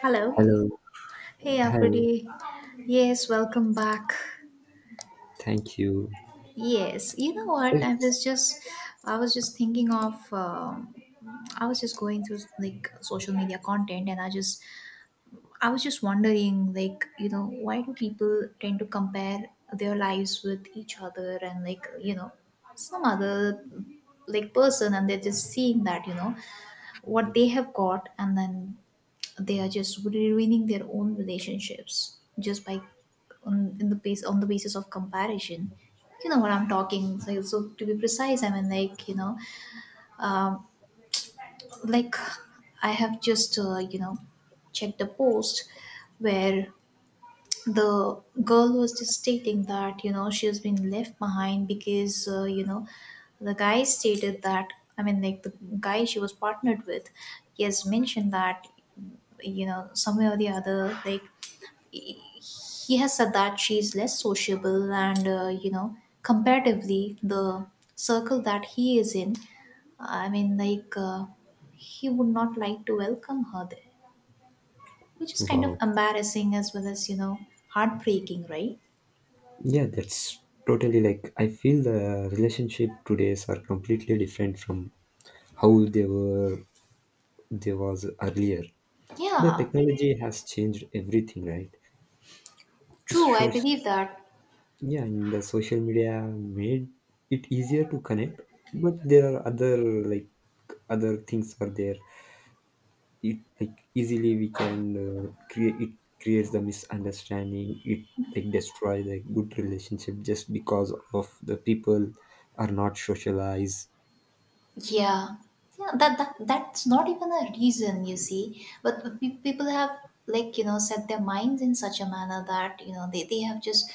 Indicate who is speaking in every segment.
Speaker 1: Hello.
Speaker 2: Hello.
Speaker 1: Hey,
Speaker 2: Hi.
Speaker 1: Apridi. Yes, welcome back.
Speaker 2: Thank you.
Speaker 1: Yes, you know what?
Speaker 2: It's
Speaker 1: I was just thinking of, I was just going through like social media content. I was just wondering, like, you know, why do people tend to compare their lives with each other and like, you know, some other like person, and they're just seeing that, you know, what they have got, and then they are just really ruining their own relationships just by on the basis of comparison, you know what I'm talking. So, to be precise, I mean, like, you know, um, like I have just you know, checked a post where the girl was just stating that, you know, she has been left behind because, you know, the guy stated that I mean like the Guy she was partnered with, he has mentioned that, you know, some way or the other he he has said that she is less sociable, and you know, comparatively, the circle that he is in, i mean like uh, he would not like to welcome her there, which is kind of
Speaker 2: Wow.
Speaker 1: embarrassing as well as, you know, heartbreaking, right?
Speaker 2: Yeah, that's totally, like, I feel the relationship today's are completely different from how they were they was earlier. The
Speaker 1: Yeah,
Speaker 2: technology has changed everything, right?
Speaker 1: true, I
Speaker 2: So,
Speaker 1: believe that.
Speaker 2: yeah, and the social media made it easier to connect, but there are other, like, other things are there. It, like, easily we can create it creates the misunderstanding. It, like, destroy the good relationship just because of the people are not socialized.
Speaker 1: Yeah, yeah. That's not even a reason, you see. But people have, like, you know, set their minds in such a manner that, you know, they have just,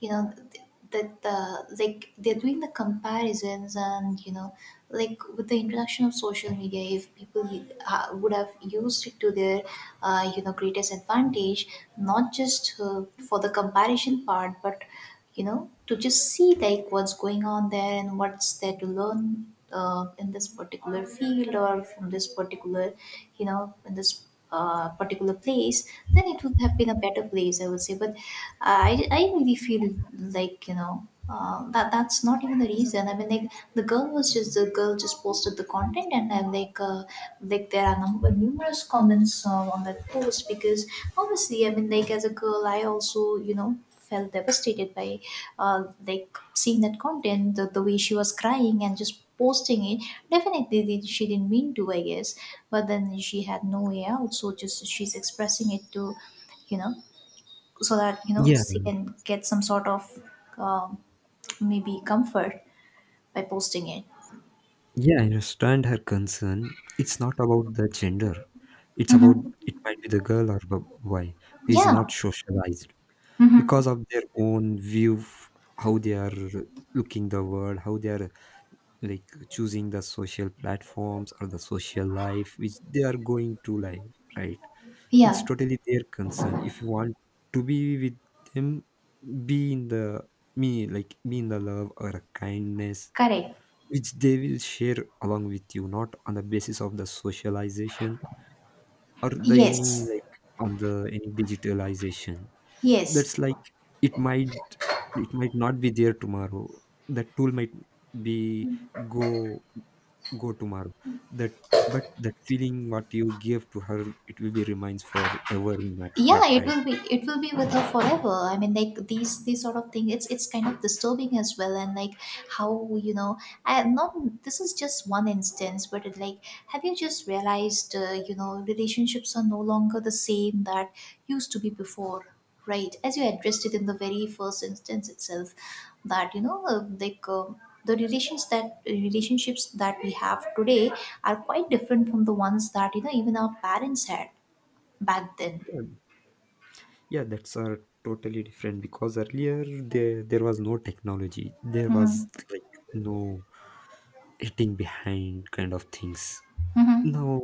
Speaker 1: you know, that the, like, they're doing the comparisons, and, you know, like with the introduction of social media, if people would have used it to their you know, greatest advantage, not just for the comparison part, but, you know, to just see like what's going on there and what's there to learn in this particular field or from this particular, you know, in this particular place, then it would have been a better place, I would say. But I really feel, like, you know, that's not even the reason. I mean, like the girl just posted the content, and then like, like there are number numerous comments on that post. Because obviously, I mean, like, as a girl, I also, you know, felt devastated by, like, seeing that content, the way she was crying and just posting it. Definitely, she didn't mean to, I guess, but then she had no way out, so just she's expressing it to, you know, so that, you know,
Speaker 2: Yeah,
Speaker 1: she can get some sort of, um, maybe comfort by posting it.
Speaker 2: yeah, I understand her concern. It's not about the gender. it's about
Speaker 1: Hmm.
Speaker 2: it might be the girl or the boy who is
Speaker 1: Yeah.
Speaker 2: not socialized
Speaker 1: Hmm.
Speaker 2: because of their own view, how they are looking the world, how they are, like, choosing the social platforms or the social life which they are going to live, right? It's
Speaker 1: Yeah.
Speaker 2: totally their concern. If you want to be with them, be in the, me like be in the love or a kindness
Speaker 1: Correct.
Speaker 2: which they will share along with you, not on the basis of the socialization or the any,
Speaker 1: Yes.
Speaker 2: like, on the any digitalization. That's
Speaker 1: Yes.
Speaker 2: like, it might, not be there tomorrow. That tool might be go, tomorrow. That But that feeling what you gave to her, it will be remains forever in my
Speaker 1: Yeah,
Speaker 2: heart,
Speaker 1: it
Speaker 2: right?
Speaker 1: will be it will be with her forever. I mean, like, these sort of thing, it's kind of disturbing as well. And like, how, you know, I not this is just one instance, but it, like, have you just realized, you know, relationships are no longer the same that used to be before, right? As you addressed it in the very first instance itself, that you know, the relationships that we have today are quite different from the ones that, you know, even our parents had back then.
Speaker 2: Yeah, yeah, that's are totally different because earlier there was no technology. There was like no hitting behind kind of things.
Speaker 1: Mhm.
Speaker 2: Now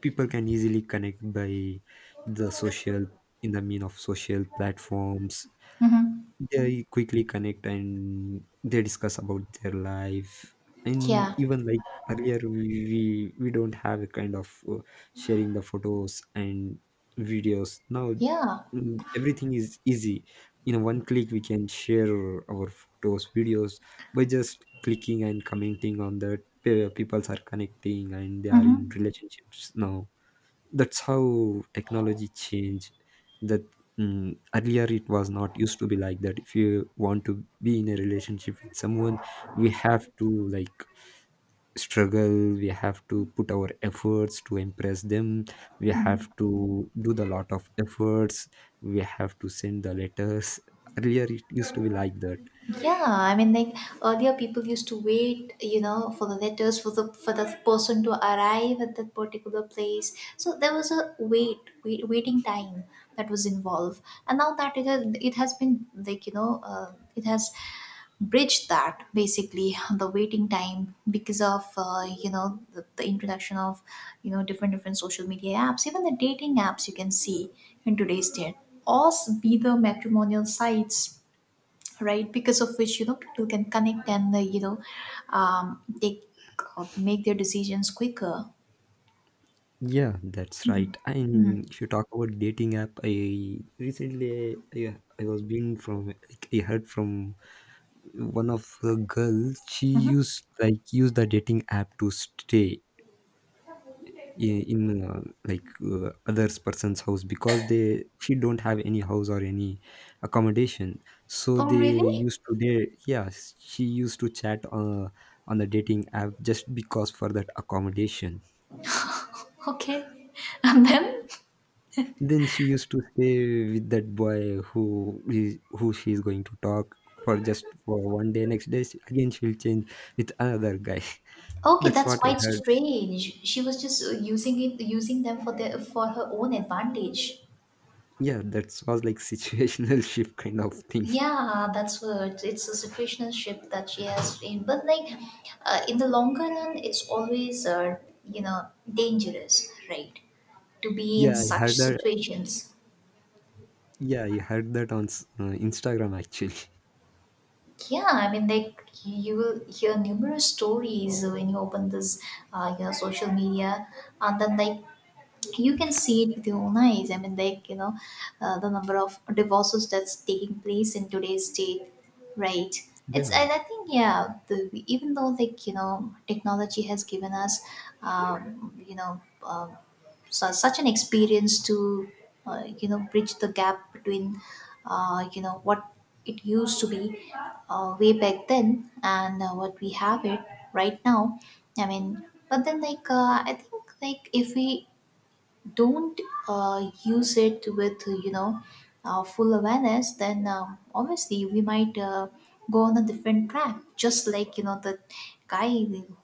Speaker 2: people can easily connect by the social in the mean of social platforms.
Speaker 1: Mhm.
Speaker 2: They quickly connect and they discuss about their life. And
Speaker 1: Yeah.
Speaker 2: even like earlier, we don't have a kind of sharing the photos and videos. Now
Speaker 1: Yeah.
Speaker 2: everything is easy. In one click, we can share our photos, videos by just clicking and commenting on that. Peoples are connecting and they are in
Speaker 1: Mhm.
Speaker 2: relationships now. That's how technology changed that. Earlier it was not used to be like that. If you want to be in a relationship with someone, we have to, like, struggle. We have to put our efforts to impress them. We
Speaker 1: Mhm.
Speaker 2: have to do the lot of efforts. We have to send the letters. Earlier it used to be like that.
Speaker 1: Yeah, I mean, like, earlier, people used to wait, you know, for the letters, for the, for the person to arrive at that particular place. So there was a wait, waiting time that was involved, and now that it has been like, you know, it has bridge that, basically, the waiting time because of, you know, the introduction of, you know, different social media apps, even the dating apps, you can see in today's day, or be the matrimonial sites, right? Because of which, you know, people can connect and, you know, take or make their decisions quicker.
Speaker 2: Yeah, that's
Speaker 1: Hmm.
Speaker 2: right.
Speaker 1: Hmm.
Speaker 2: And if you talk about dating app, I recently yeah, I was being from like I heard from one of the girl. She
Speaker 1: Hmm.
Speaker 2: use the dating app to stay in like others person's house because they she don't have any house or any accommodation. So
Speaker 1: Oh,
Speaker 2: they
Speaker 1: really?
Speaker 2: used to date, yeah. She used to chat, on the dating app just because for that accommodation.
Speaker 1: Okay. And then.
Speaker 2: Then she used to stay with that boy who she is going to talk for just for one day. Next day, again she'll change with another guy.
Speaker 1: Okay,
Speaker 2: That's
Speaker 1: that's
Speaker 2: what I
Speaker 1: quite
Speaker 2: heard.
Speaker 1: strange. She was just using it, using them for their, for her own advantage.
Speaker 2: Yeah, that was like situational shift kind of thing.
Speaker 1: Yeah, that's what, it's a situationship that she has in. But like, in the longer run, it's always, you know, dangerous, right? To be in
Speaker 2: Yeah, I heard
Speaker 1: such
Speaker 2: that.
Speaker 1: situations.
Speaker 2: Yeah, I heard that on Instagram, actually.
Speaker 1: Yeah, I mean, like, you will hear numerous stories when you open this, you know, social media, and then like, you can see it with your own eyes. I mean, like, you know, the number of divorces that's taking place in today's date, right?
Speaker 2: Yeah,
Speaker 1: It's, and I think, yeah, the, even though, like, you know, technology has given us, you know, su such an experience to, you know, bridge the gap between, you know, what it used to be, way back then, and what we have it right now. I mean, but then, like, I think, like, if we don't, use it with, you know, full awareness, then, obviously, we might, go on a different track, just like, you know, the guy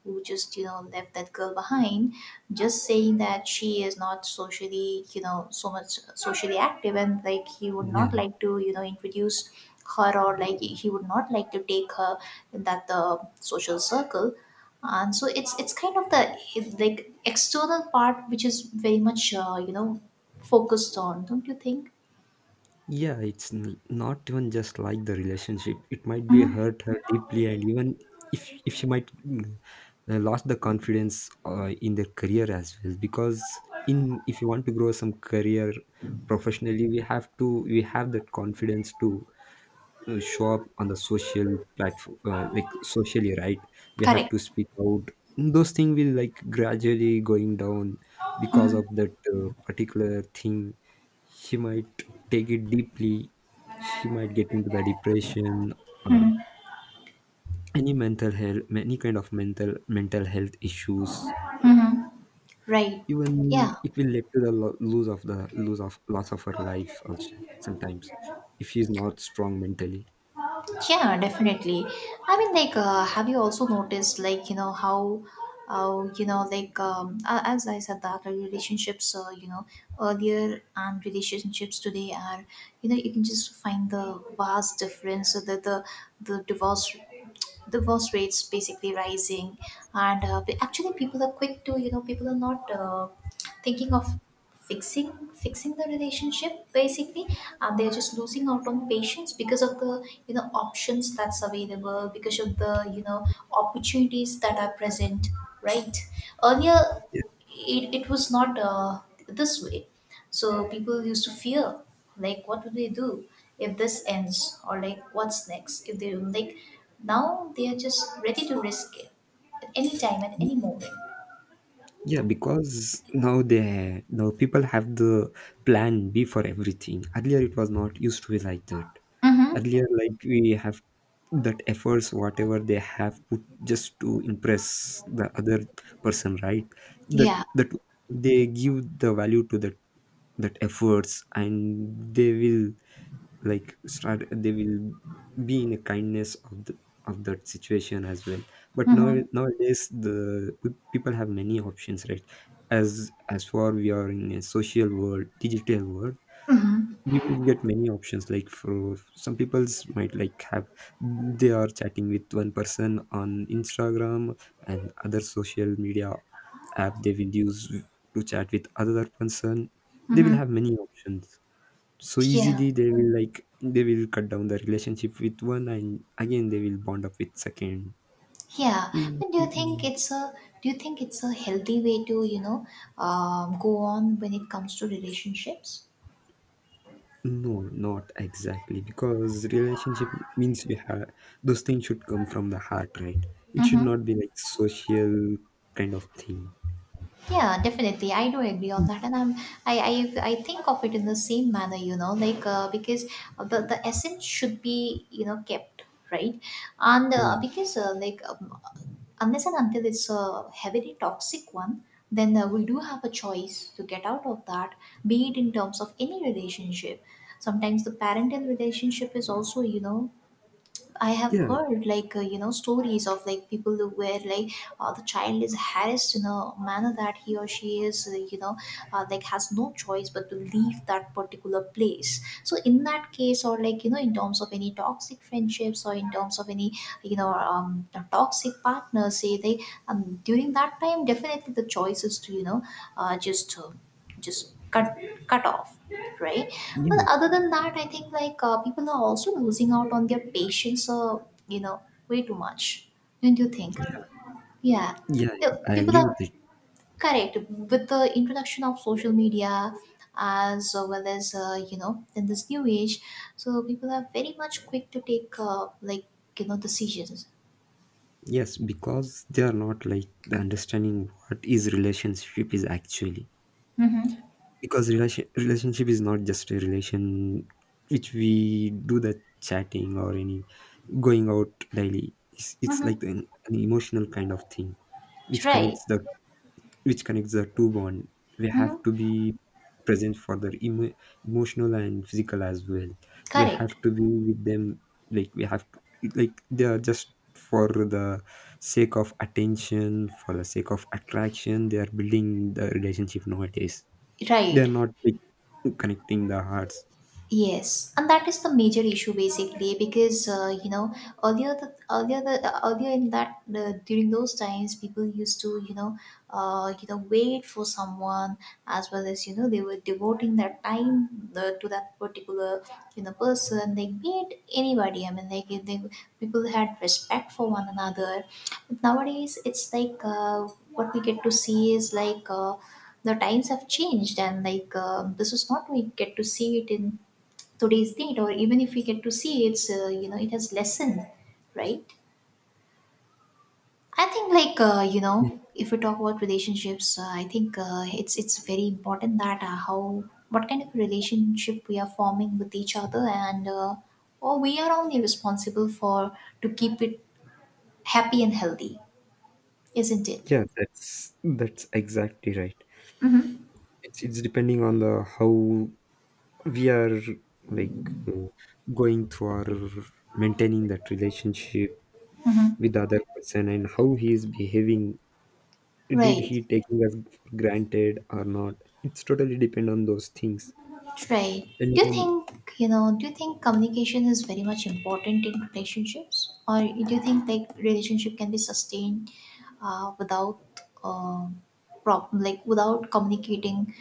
Speaker 1: who just, you know, left that girl behind, just saying that she is not socially, you know, so much socially active, and like, he would not
Speaker 2: yeah,
Speaker 1: like to, you know, introduce her, or like, he would not like to take her in that the social circle. And so it's kind of the, like, external part, which is very much, you know, focused on, don't you think?
Speaker 2: yeah. It's not even just like the relationship. It might be
Speaker 1: Hmm.
Speaker 2: hurt her deeply. And even if she might lost the confidence in their career as well. Because in if you want to grow some career professionally, we have that confidence to show up on the social platform, like, socially, right? We have
Speaker 1: Correct.
Speaker 2: to speak out. Those things will, like, gradually going down because
Speaker 1: Mm-hmm.
Speaker 2: of that particular thing. He might take it deeply. He might get into the depression, or
Speaker 1: Hmm.
Speaker 2: any mental health, any kind of mental health issues.
Speaker 1: Hmm. Right.
Speaker 2: Even
Speaker 1: Yeah.
Speaker 2: it will lead to the lo- lose of the lose of loss of her life also sometimes, if she's not strong mentally.
Speaker 1: Yeah, definitely. I mean, like, have you also noticed like, you know, how, you know, like, as I said, that our relationships, you know, earlier, and relationships today are, you know, you can just find the vast difference. So that the, the divorce rates basically rising, and, actually, people are quick to, you know, people are not, thinking of fixing fixing the relationship, basically. They're just losing out on patience because of the, you know, options that's available, because of the, you know, opportunities that are present, right? Earlier, it was not, this way. So people used to fear, like, what will they do if this ends, or like, what's next? If they like, now they are just ready to risk it at any time, at any moment.
Speaker 2: Yeah, because now they now people have the plan B for everything. Earlier it was not used to be like that. Earlier,
Speaker 1: Mm-hmm.
Speaker 2: like, we have that efforts, whatever they have put just to impress the other person, right?
Speaker 1: Yeah.
Speaker 2: That they give the value to that that efforts, and they will, like start they will be in a kindness of the of that situation as well. But now
Speaker 1: Mm-hmm.
Speaker 2: nowadays the people have many options, right? As far we are in a social world, digital world,
Speaker 1: Mm-hmm.
Speaker 2: we will get many options. Like for some people's might like have they are chatting with one person on Instagram, and other social media app they will use to chat with other person. They will have many options, so
Speaker 1: Yeah,
Speaker 2: easily they will, cut down the relationship with one, and again they will bond up with second.
Speaker 1: yeah.
Speaker 2: Mm,
Speaker 1: But do you think
Speaker 2: mm,
Speaker 1: it's a healthy way to, you know, go on when it comes to relationships?
Speaker 2: no, not exactly, because relationship means you have those things should come from the heart, right? It should
Speaker 1: Mm-hmm.
Speaker 2: not be like social kind of thing.
Speaker 1: Yeah, definitely. I do agree on that, and I think of it in the same manner, you know, like, because the essence should be, you know, kept, right? And,
Speaker 2: Yeah,
Speaker 1: because, like, unless and until it's a heavily toxic one, then, we do have a choice to get out of that, be it in terms of any relationship. Sometimes the parental relationship is also, you know, I have
Speaker 2: yeah,
Speaker 1: heard like, you know, stories of like people who, where like, the child is harassed in a manner that he or she is, you know, like, has no choice but to leave that particular place. So in that case, or like, you know, in terms of any toxic friendships, or in terms of any, you know, toxic partners, say they, during that time, definitely the choice is to, you know, just, just cut off, right? But
Speaker 2: yeah,
Speaker 1: other than that, I think like, people are also losing out on their patience, you know, way too much. Don't you think? Yeah.
Speaker 2: yeah, I
Speaker 1: People
Speaker 2: agree
Speaker 1: are
Speaker 2: with it.
Speaker 1: correct with the introduction of social media as well as, you know, in this new age. So people are very much quick to take, like, you know, decisions.
Speaker 2: Yes, because they are not like the understanding what is relationship is actually.
Speaker 1: Mm-hmm.
Speaker 2: Because relationship is not just a relation which we do the chatting or any going out daily. It's
Speaker 1: Mm-hmm.
Speaker 2: like an emotional kind of thing which
Speaker 1: Right.
Speaker 2: connects the two bond. We have
Speaker 1: Mm-hmm.
Speaker 2: to be present for their emotional and physical as well. We
Speaker 1: Correct.
Speaker 2: have to be with them. Like, we have to like they are just for the sake of attention, for the sake of attraction. They are building the relationship nowadays. They're
Speaker 1: Right.
Speaker 2: not, like, connecting the hearts.
Speaker 1: Yes, and that is the major issue, basically, because, you know, earlier, in that the, during those times, people used to, you know, you know, wait for someone, as well as, you know, they were devoting their time, to that particular, you know, person they meet, anybody. I mean, like, if they, people had respect for one another. But nowadays it's like, what we get to see is like. The times have changed, and like, this is not we get to see it in today's date, or even if we get to see, it's, you know, it has lessened, right? I think like, you know,
Speaker 2: Yeah,
Speaker 1: if we talk about relationships, I think, it's very important that, how, what kind of relationship we are forming with each other, and, or we are only responsible for to keep it happy and healthy, isn't it?
Speaker 2: yeah, that's exactly right.
Speaker 1: Mm-hmm.
Speaker 2: It's depending on the how we are, like, uh, going through our maintaining that relationship
Speaker 1: Mm-hmm.
Speaker 2: with the other person, and how he is behaving. Did
Speaker 1: Right.
Speaker 2: he taking us for granted or not? It's totally depend on those things.
Speaker 1: Right.
Speaker 2: And
Speaker 1: Do you
Speaker 2: even-
Speaker 1: think, you know, do you think communication is very much important in relationships? Or do you think like relationship can be sustained without uh, problem, like without communicating,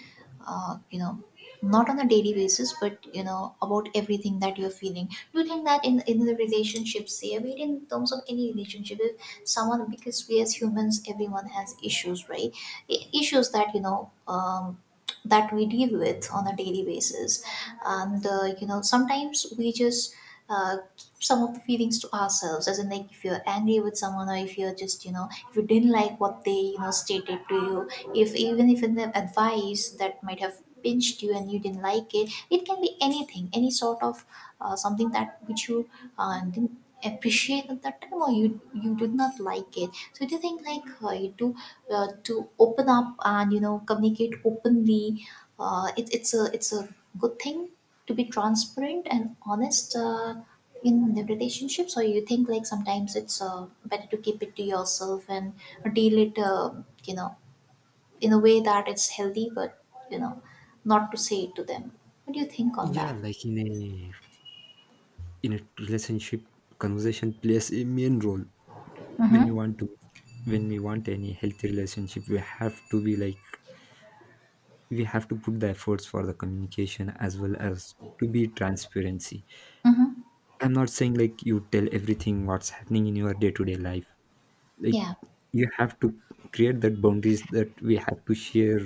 Speaker 1: uh, you know, not on a daily basis, but you know, about everything that you're feeling. Do you think that in the relationship, say, I mean, in terms of any relationship, if someone, because we as humans, everyone has issues, right? Issues that you know, that we deal with on a daily basis, and you know, sometimes we just keep some of the feelings to ourselves, as in like if you're angry with someone, or if you're just, you know, if you didn't like what they, you know, stated to you, if even if in the advice that might have pinched you and you didn't like it can be anything, any sort of something that which you didn't appreciate at that time, or you did not like it. So do you think like you do to open up and you know communicate openly, it's a good thing to be transparent and honest in the relationship? So you think like sometimes it's better to keep it to yourself and deal it, you know, in a way that it's healthy, but you know not to say it to them? What do you think on
Speaker 2: yeah,
Speaker 1: that?
Speaker 2: like, in a relationship, conversation plays a main role. when you
Speaker 1: Mm-hmm.
Speaker 2: want to when we want any healthy relationship, we have to put the efforts for the communication, as well as to be transparency.
Speaker 1: Mm-hmm.
Speaker 2: I'm not saying like you tell everything what's happening in your day-to-day life. Like,
Speaker 1: Yeah.
Speaker 2: you have to create that boundaries that we have to share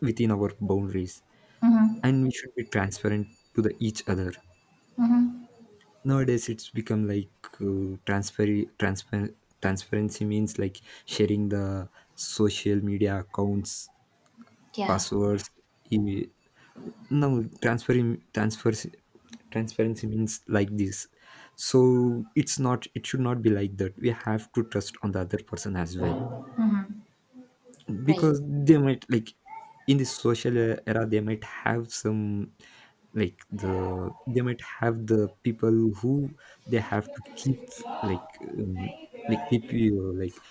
Speaker 2: within our boundaries,
Speaker 1: Mm-hmm.
Speaker 2: and we should be transparent to the each other.
Speaker 1: Mm-hmm.
Speaker 2: Nowadays it's become like transfer transparent transparency means like sharing the social media accounts,
Speaker 1: Yeah.
Speaker 2: passwords. e- no, transferring transfers transparency means like this. So it's not it should not be like that. We have to trust on the other person as well.
Speaker 1: Mm-hmm. Right.
Speaker 2: Because they might, like, in this social era, they might have some, like, they might have the people who they have to keep, like, um, like, keep you, like,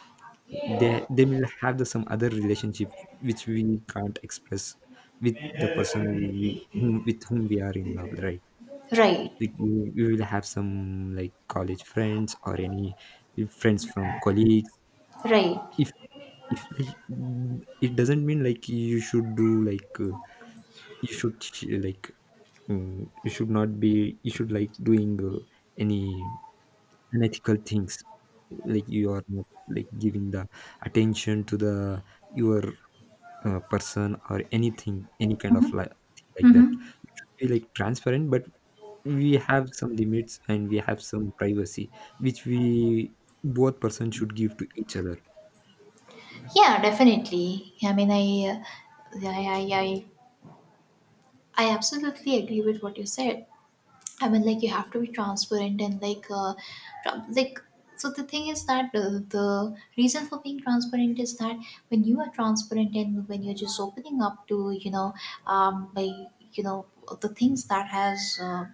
Speaker 2: they will have the some other relationship which we can't express with the person who we, whom with whom we are in love, right?
Speaker 1: Right.
Speaker 2: Like, we will have some, like, college friends or any friends from colleagues.
Speaker 1: Right.
Speaker 2: If, like, it doesn't mean like you should do like you should like, you should not be, you should like doing any unethical things. Like, you are not like giving the attention to the your person, or anything, any kind of like that.
Speaker 1: Mm-hmm.
Speaker 2: We like transparent, but we have some limits and we have some privacy which we both person should give to each other.
Speaker 1: Yeah, definitely. I mean, I, I, I, I absolutely agree with what you said. I mean, like you have to be transparent and like, like. So the thing is that the reason for being transparent is that when you are transparent, and when you're just opening up to, you know, by, you know, the things that has.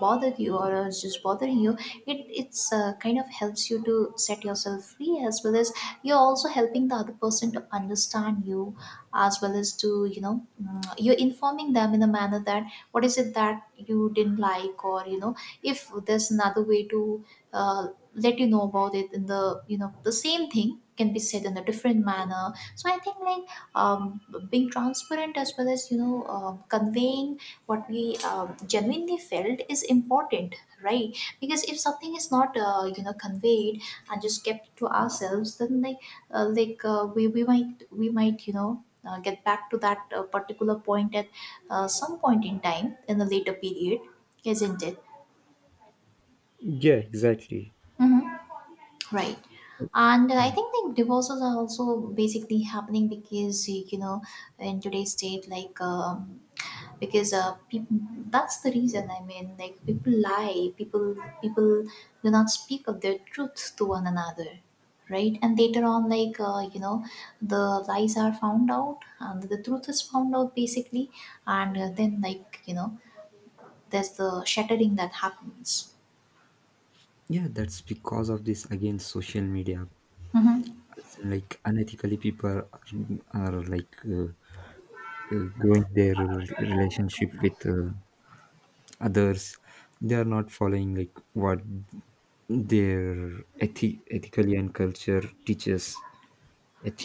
Speaker 1: Bothered you or is just bothering you, it it's kind of helps you to set yourself free, as well as you're also helping the other person to understand you, as well as to, you know, you're informing them in a manner that what is it that you didn't like, or you know, if there's another way to uh, let you know about it, in the, you know, the same thing can be said in a different manner. So I think like, um, being transparent as well as, you know, conveying what we um, genuinely felt is important, right? Because if something is not, you know, conveyed and just kept to ourselves, then like we might you know get back to that particular point at some point in time in the later period, isn't it?
Speaker 2: Yeah, exactly.
Speaker 1: Mhm. Right. And
Speaker 2: Yeah,
Speaker 1: I think like divorces are also basically happening because you know, in today's state, like because people, that's the reason. I mean, like people lie, people do not speak of their truth to one another, right? And later on like, you know, the lies are found out and the truth is found out, basically. And then like, you know, there's the shattering that happens.
Speaker 2: yeah, that's because of this again social media.
Speaker 1: Mhm.
Speaker 2: As in, like, unethically people are, like, growing their relationship with others. They are not following like what their ethically and culture teaches,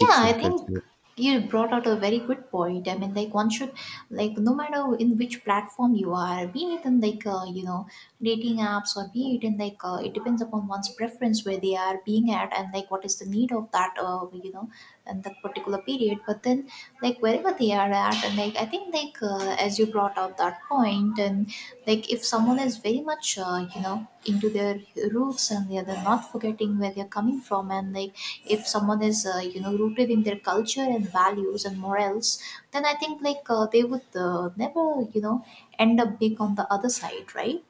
Speaker 1: Yeah, I
Speaker 2: and
Speaker 1: think
Speaker 2: culture.
Speaker 1: you brought out a very good point. I mean, like one should, like no matter in which platform you are, be it in like, you know, dating apps, or be it in like, it depends upon one's preference where they are being at, and like what is the need of that, you know, and that particular period. But then like wherever they are at, and like I think like, as you brought out that point, and like if someone is very much, you know, into their roots, and they're not forgetting where they're coming from, and like if someone is, you know, rooted in their culture and values and morals, then I think like, they would, never, you know, end up being on the other side, right?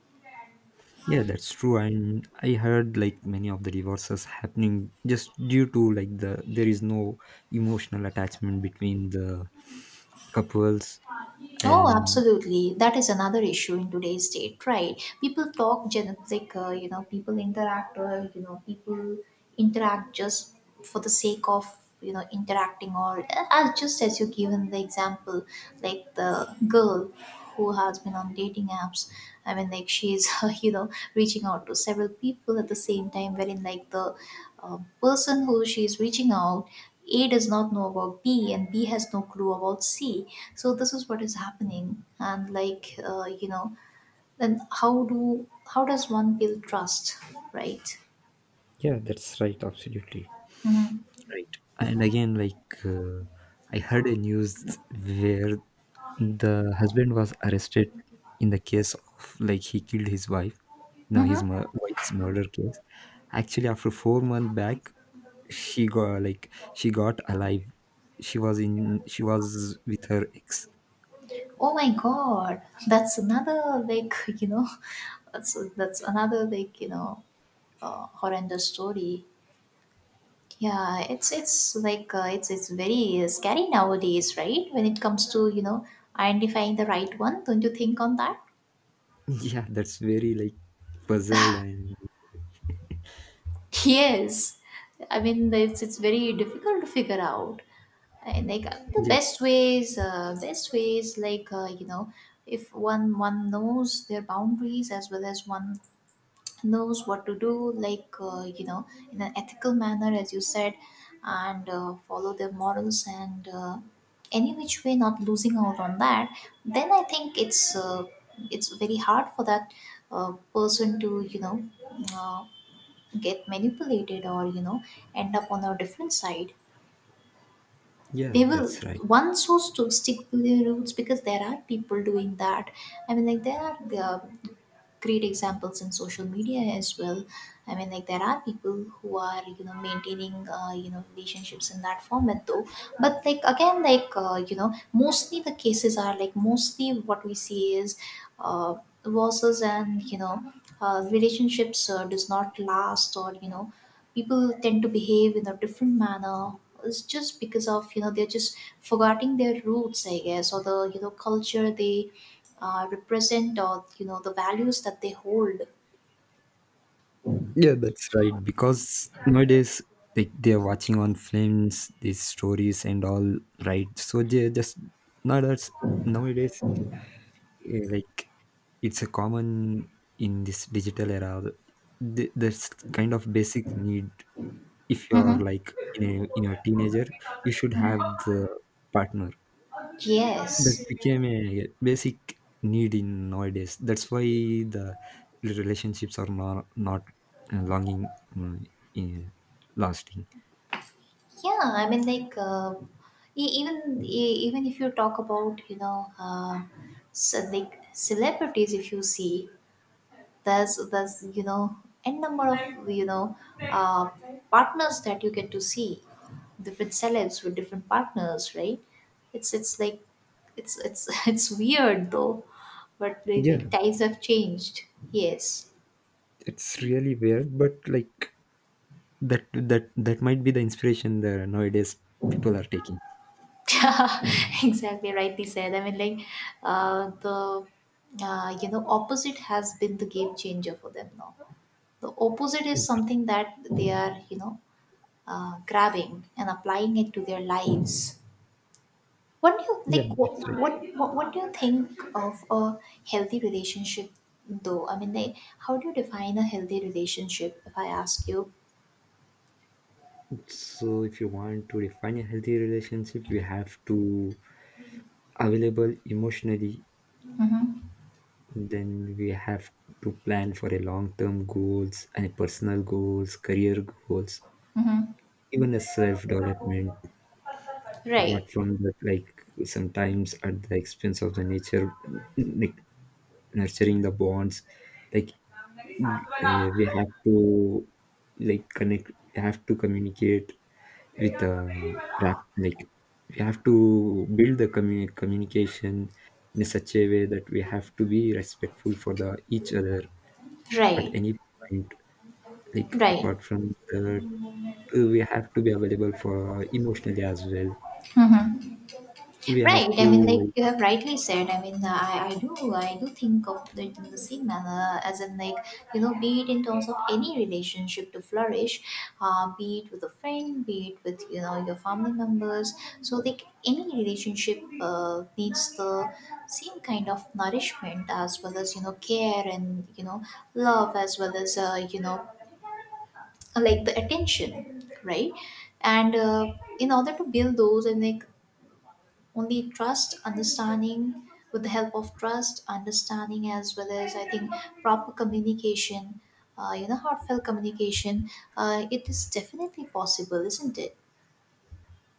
Speaker 2: Yeah, that's true. And I heard like many of the divorces happening just due to like there is no emotional attachment between the couples,
Speaker 1: Oh,
Speaker 2: and
Speaker 1: absolutely. That is another issue in today's date, right? People talk generic, you know, people interact, you know, people interact just for the sake of, you know, interacting, or as just as you given the example, like the girl who has been on dating apps. I mean, like she's, you know, reaching out to several people at the same time, wherein like the person who she's reaching out, A does not know about B, and B has no clue about C. So this is what is happening, and like, you know, then how do, how does one build trust, right?
Speaker 2: yeah, that's right, absolutely.
Speaker 1: Mm-hmm.
Speaker 2: Right. And again, like, uh, I heard a news where the husband was arrested in the case of, like, he killed his wife, no,
Speaker 1: Mm-hmm.
Speaker 2: his wife's murder case. Actually, after 4 months back, she got alive. She was in. She was with her ex.
Speaker 1: Oh my God, that's another like, you know, that's that's another like you know horrendous story. Yeah, it's like, it's very scary nowadays, right? When it comes to, you know, identifying the right one, don't you think on that?
Speaker 2: Yeah, that's very, like, puzzled and
Speaker 1: Yes, I mean it's very difficult to figure out. And like the
Speaker 2: yeah,
Speaker 1: best ways, like, you know, if one knows their boundaries, as well as one knows what to do, like, you know, in an ethical manner, as you said, and follow their morals and, any which way, not losing out on that. Then I think it's very hard for that person to Uh, get manipulated, or you know, end up on a different side.
Speaker 2: yeah,
Speaker 1: They will,
Speaker 2: that's right.
Speaker 1: one so stick to their roots, because there are people doing that. I mean, like there are uh, great examples in social media as well. I mean, like there are people who are, you know, maintaining, you know, relationships in that format though. But like again like, you know, mostly the cases are like, mostly what we see is uh, losses and, you know, relationships does not last, or you know, people tend to behave in a different manner. It's just because of, you know, they're just forgetting their roots, I guess, or the, you know, culture they represent, or you know, the values that they hold.
Speaker 2: Yeah, that's right. Because nowadays, like they're watching on films, these stories and all, right? So they're just not as nowadays, like, it's a common in this digital era. That's kind of basic need. If you're
Speaker 1: Hmm.
Speaker 2: like in a in your teenager, you should have the partner. That's
Speaker 1: Yes.
Speaker 2: became a basic need in nowadays. That's why the relationships are not longing, eh, lasting.
Speaker 1: Yeah, I mean like, e- even even if you talk about, you know, uh, so like celebrities, if you see, there's you know, n number of, you know, partners that you get to see, different celebs with different partners, right? It's it's like it's it's it's weird though, but the,
Speaker 2: Yeah,
Speaker 1: like times have changed. Yes.
Speaker 2: it's really weird, but like that that might be the inspiration that nowadays people are taking.
Speaker 1: Exactly, rightly said. I mean like, the, you know, opposite has been the game changer for them now. The opposite
Speaker 2: Yeah,
Speaker 1: is
Speaker 2: that's
Speaker 1: something that they are, you know, grabbing and applying it to their lives. What do you
Speaker 2: yeah,
Speaker 1: like? What
Speaker 2: that's right.
Speaker 1: what what, what do you think of a healthy relationship? Though I mean, like, how do you define a healthy relationship, if I ask you?
Speaker 2: So if you want to define a healthy relationship, you have to available emotionally.
Speaker 1: Mm-hmm.
Speaker 2: Then we have to plan for a long-term goals and personal goals, career goals,
Speaker 1: Mm-hmm.
Speaker 2: even a self-development. Apart
Speaker 1: Right,
Speaker 2: from that, like, sometimes at the expense of the nature, like, nurturing the bonds, like, uh, we have to we have to communicate with rap like we have to build the communication in such a way that we have to be respectful for the each other at
Speaker 1: right,
Speaker 2: any point. Like,
Speaker 1: right.
Speaker 2: apart from that, we have to be available for emotionally as well.
Speaker 1: Mm-hmm.
Speaker 2: We have
Speaker 1: Right.
Speaker 2: to
Speaker 1: I mean, like
Speaker 2: like
Speaker 1: you have rightly said. I mean, I do, I do think of it in the same manner, as in like you know, be it in terms of any relationship to flourish, be it with a friend, be it with, you know, your family members. So like any relationship needs the same kind of nourishment, as well as, you know, care and, you know, love, as well as, you know, like the attention, right? And in order to build those, and like, only trust understanding, with the help of trust understanding, as well as I think proper communication, you know, heartfelt communication, it is definitely possible, isn't it?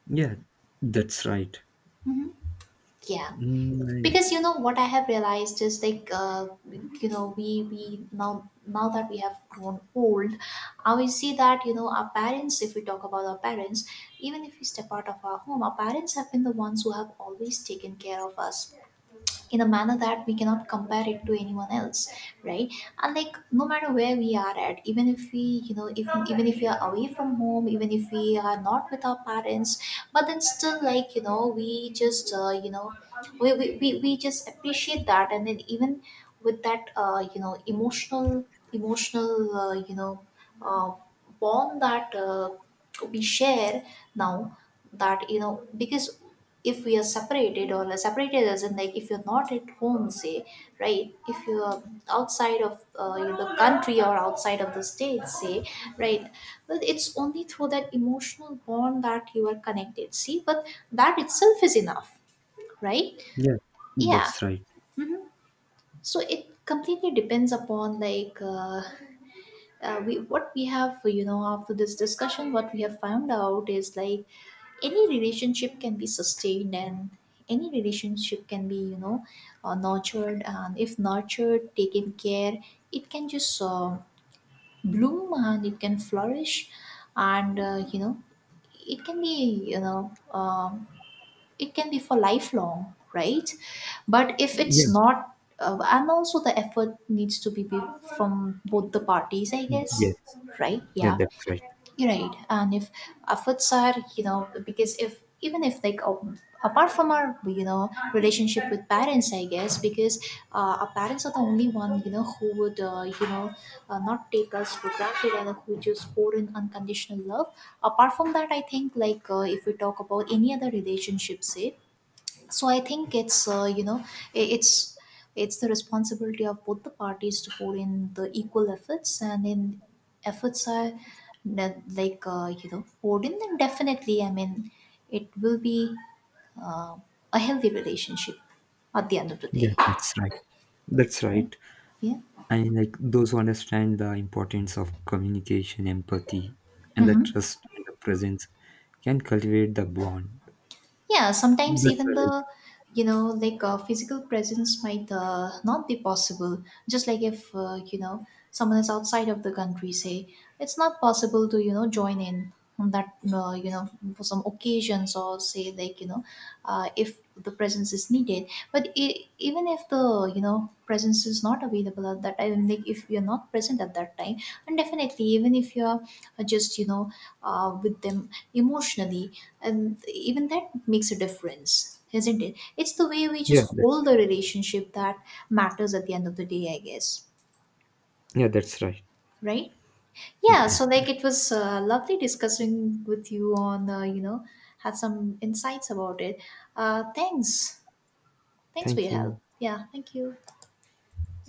Speaker 2: yeah, that's right.
Speaker 1: Hmm. Yeah.
Speaker 2: mm,
Speaker 1: Because you know what I have realized is like, you know, we now, that we have grown old, I will see that, you know, our parents, if we talk about our parents, even if we step out of our home, our parents have been the ones who have always taken care of us, in a manner that we cannot compare it to anyone else, right? And like no matter where we are at, even if we, you know, if even if we are away from home, even if we are not with our parents, but then still like, you know, we just, you know, we just appreciate that. And then even with that, you know, emotional uh, bond that, we share now, that, you know, because if we are separated, or separated as in like if you're not at home, say, right? If you're outside of, the country or outside of the state, say, right, but it's only through that emotional bond that you are connected, see. But that itself is enough, right?
Speaker 2: yeah,
Speaker 1: Yeah.
Speaker 2: that's right.
Speaker 1: Hmm. So it completely depends upon, like, we what we have, you know, after this discussion, what we have found out is like, any relationship can be sustained, and any relationship can be, you know, nurtured, and if nurtured, taken care, it can just bloom, and it can flourish. And, you know, it can be, you know, it can be for lifelong, right? But if
Speaker 2: Yeah.
Speaker 1: it's not, and also the effort needs to be from both the parties, I guess.
Speaker 2: Yes.
Speaker 1: Right.
Speaker 2: Yeah,
Speaker 1: Yeah.
Speaker 2: that's right.
Speaker 1: You're right. And if efforts are, you know, because if even if like, apart from our, you know, relationship with parents, I guess, because our parents are the only one, you know, who would, you know, not take us for granted, and who just pour in unconditional love. Apart from that, I think like, if we talk about any other relationship, say, so I think it's you know, it's the responsibility of both the parties to put in the equal efforts. And in efforts are like, you know, poured in, then definitely, I mean, it will be, uh, a healthy relationship at the end of the day.
Speaker 2: Yeah, that's right. That's
Speaker 1: Right.
Speaker 2: right.
Speaker 1: Yeah.
Speaker 2: And like those who understand the importance of communication, empathy, and the
Speaker 1: Hmm.
Speaker 2: trust and the presence, can cultivate the bond.
Speaker 1: Yeah, sometimes
Speaker 2: That's
Speaker 1: even
Speaker 2: right. Like,
Speaker 1: the, you know, like, physical presence might, not be possible, just like if, you know, someone is outside of the country, say, it's not possible to, you know, join in on that, you know, for some occasions, or say like, you know, if the presence is needed. But I, even if the, you know, presence is not available at that time, like if you're not present at that time, and definitely, even if you're, just you know, with them emotionally, and even that makes a difference, isn't it? It's the way we
Speaker 2: yeah,
Speaker 1: just
Speaker 2: that's
Speaker 1: hold
Speaker 2: right.
Speaker 1: the relationship that matters at the end of the day, I guess.
Speaker 2: Yeah, that's right.
Speaker 1: Right. Yeah.
Speaker 2: Yeah,
Speaker 1: So like it was, lovely discussing with you on, you know, had some insights about it. Uh, thanks thanks for
Speaker 2: thank
Speaker 1: your help.
Speaker 2: you.
Speaker 1: Yeah, thank you.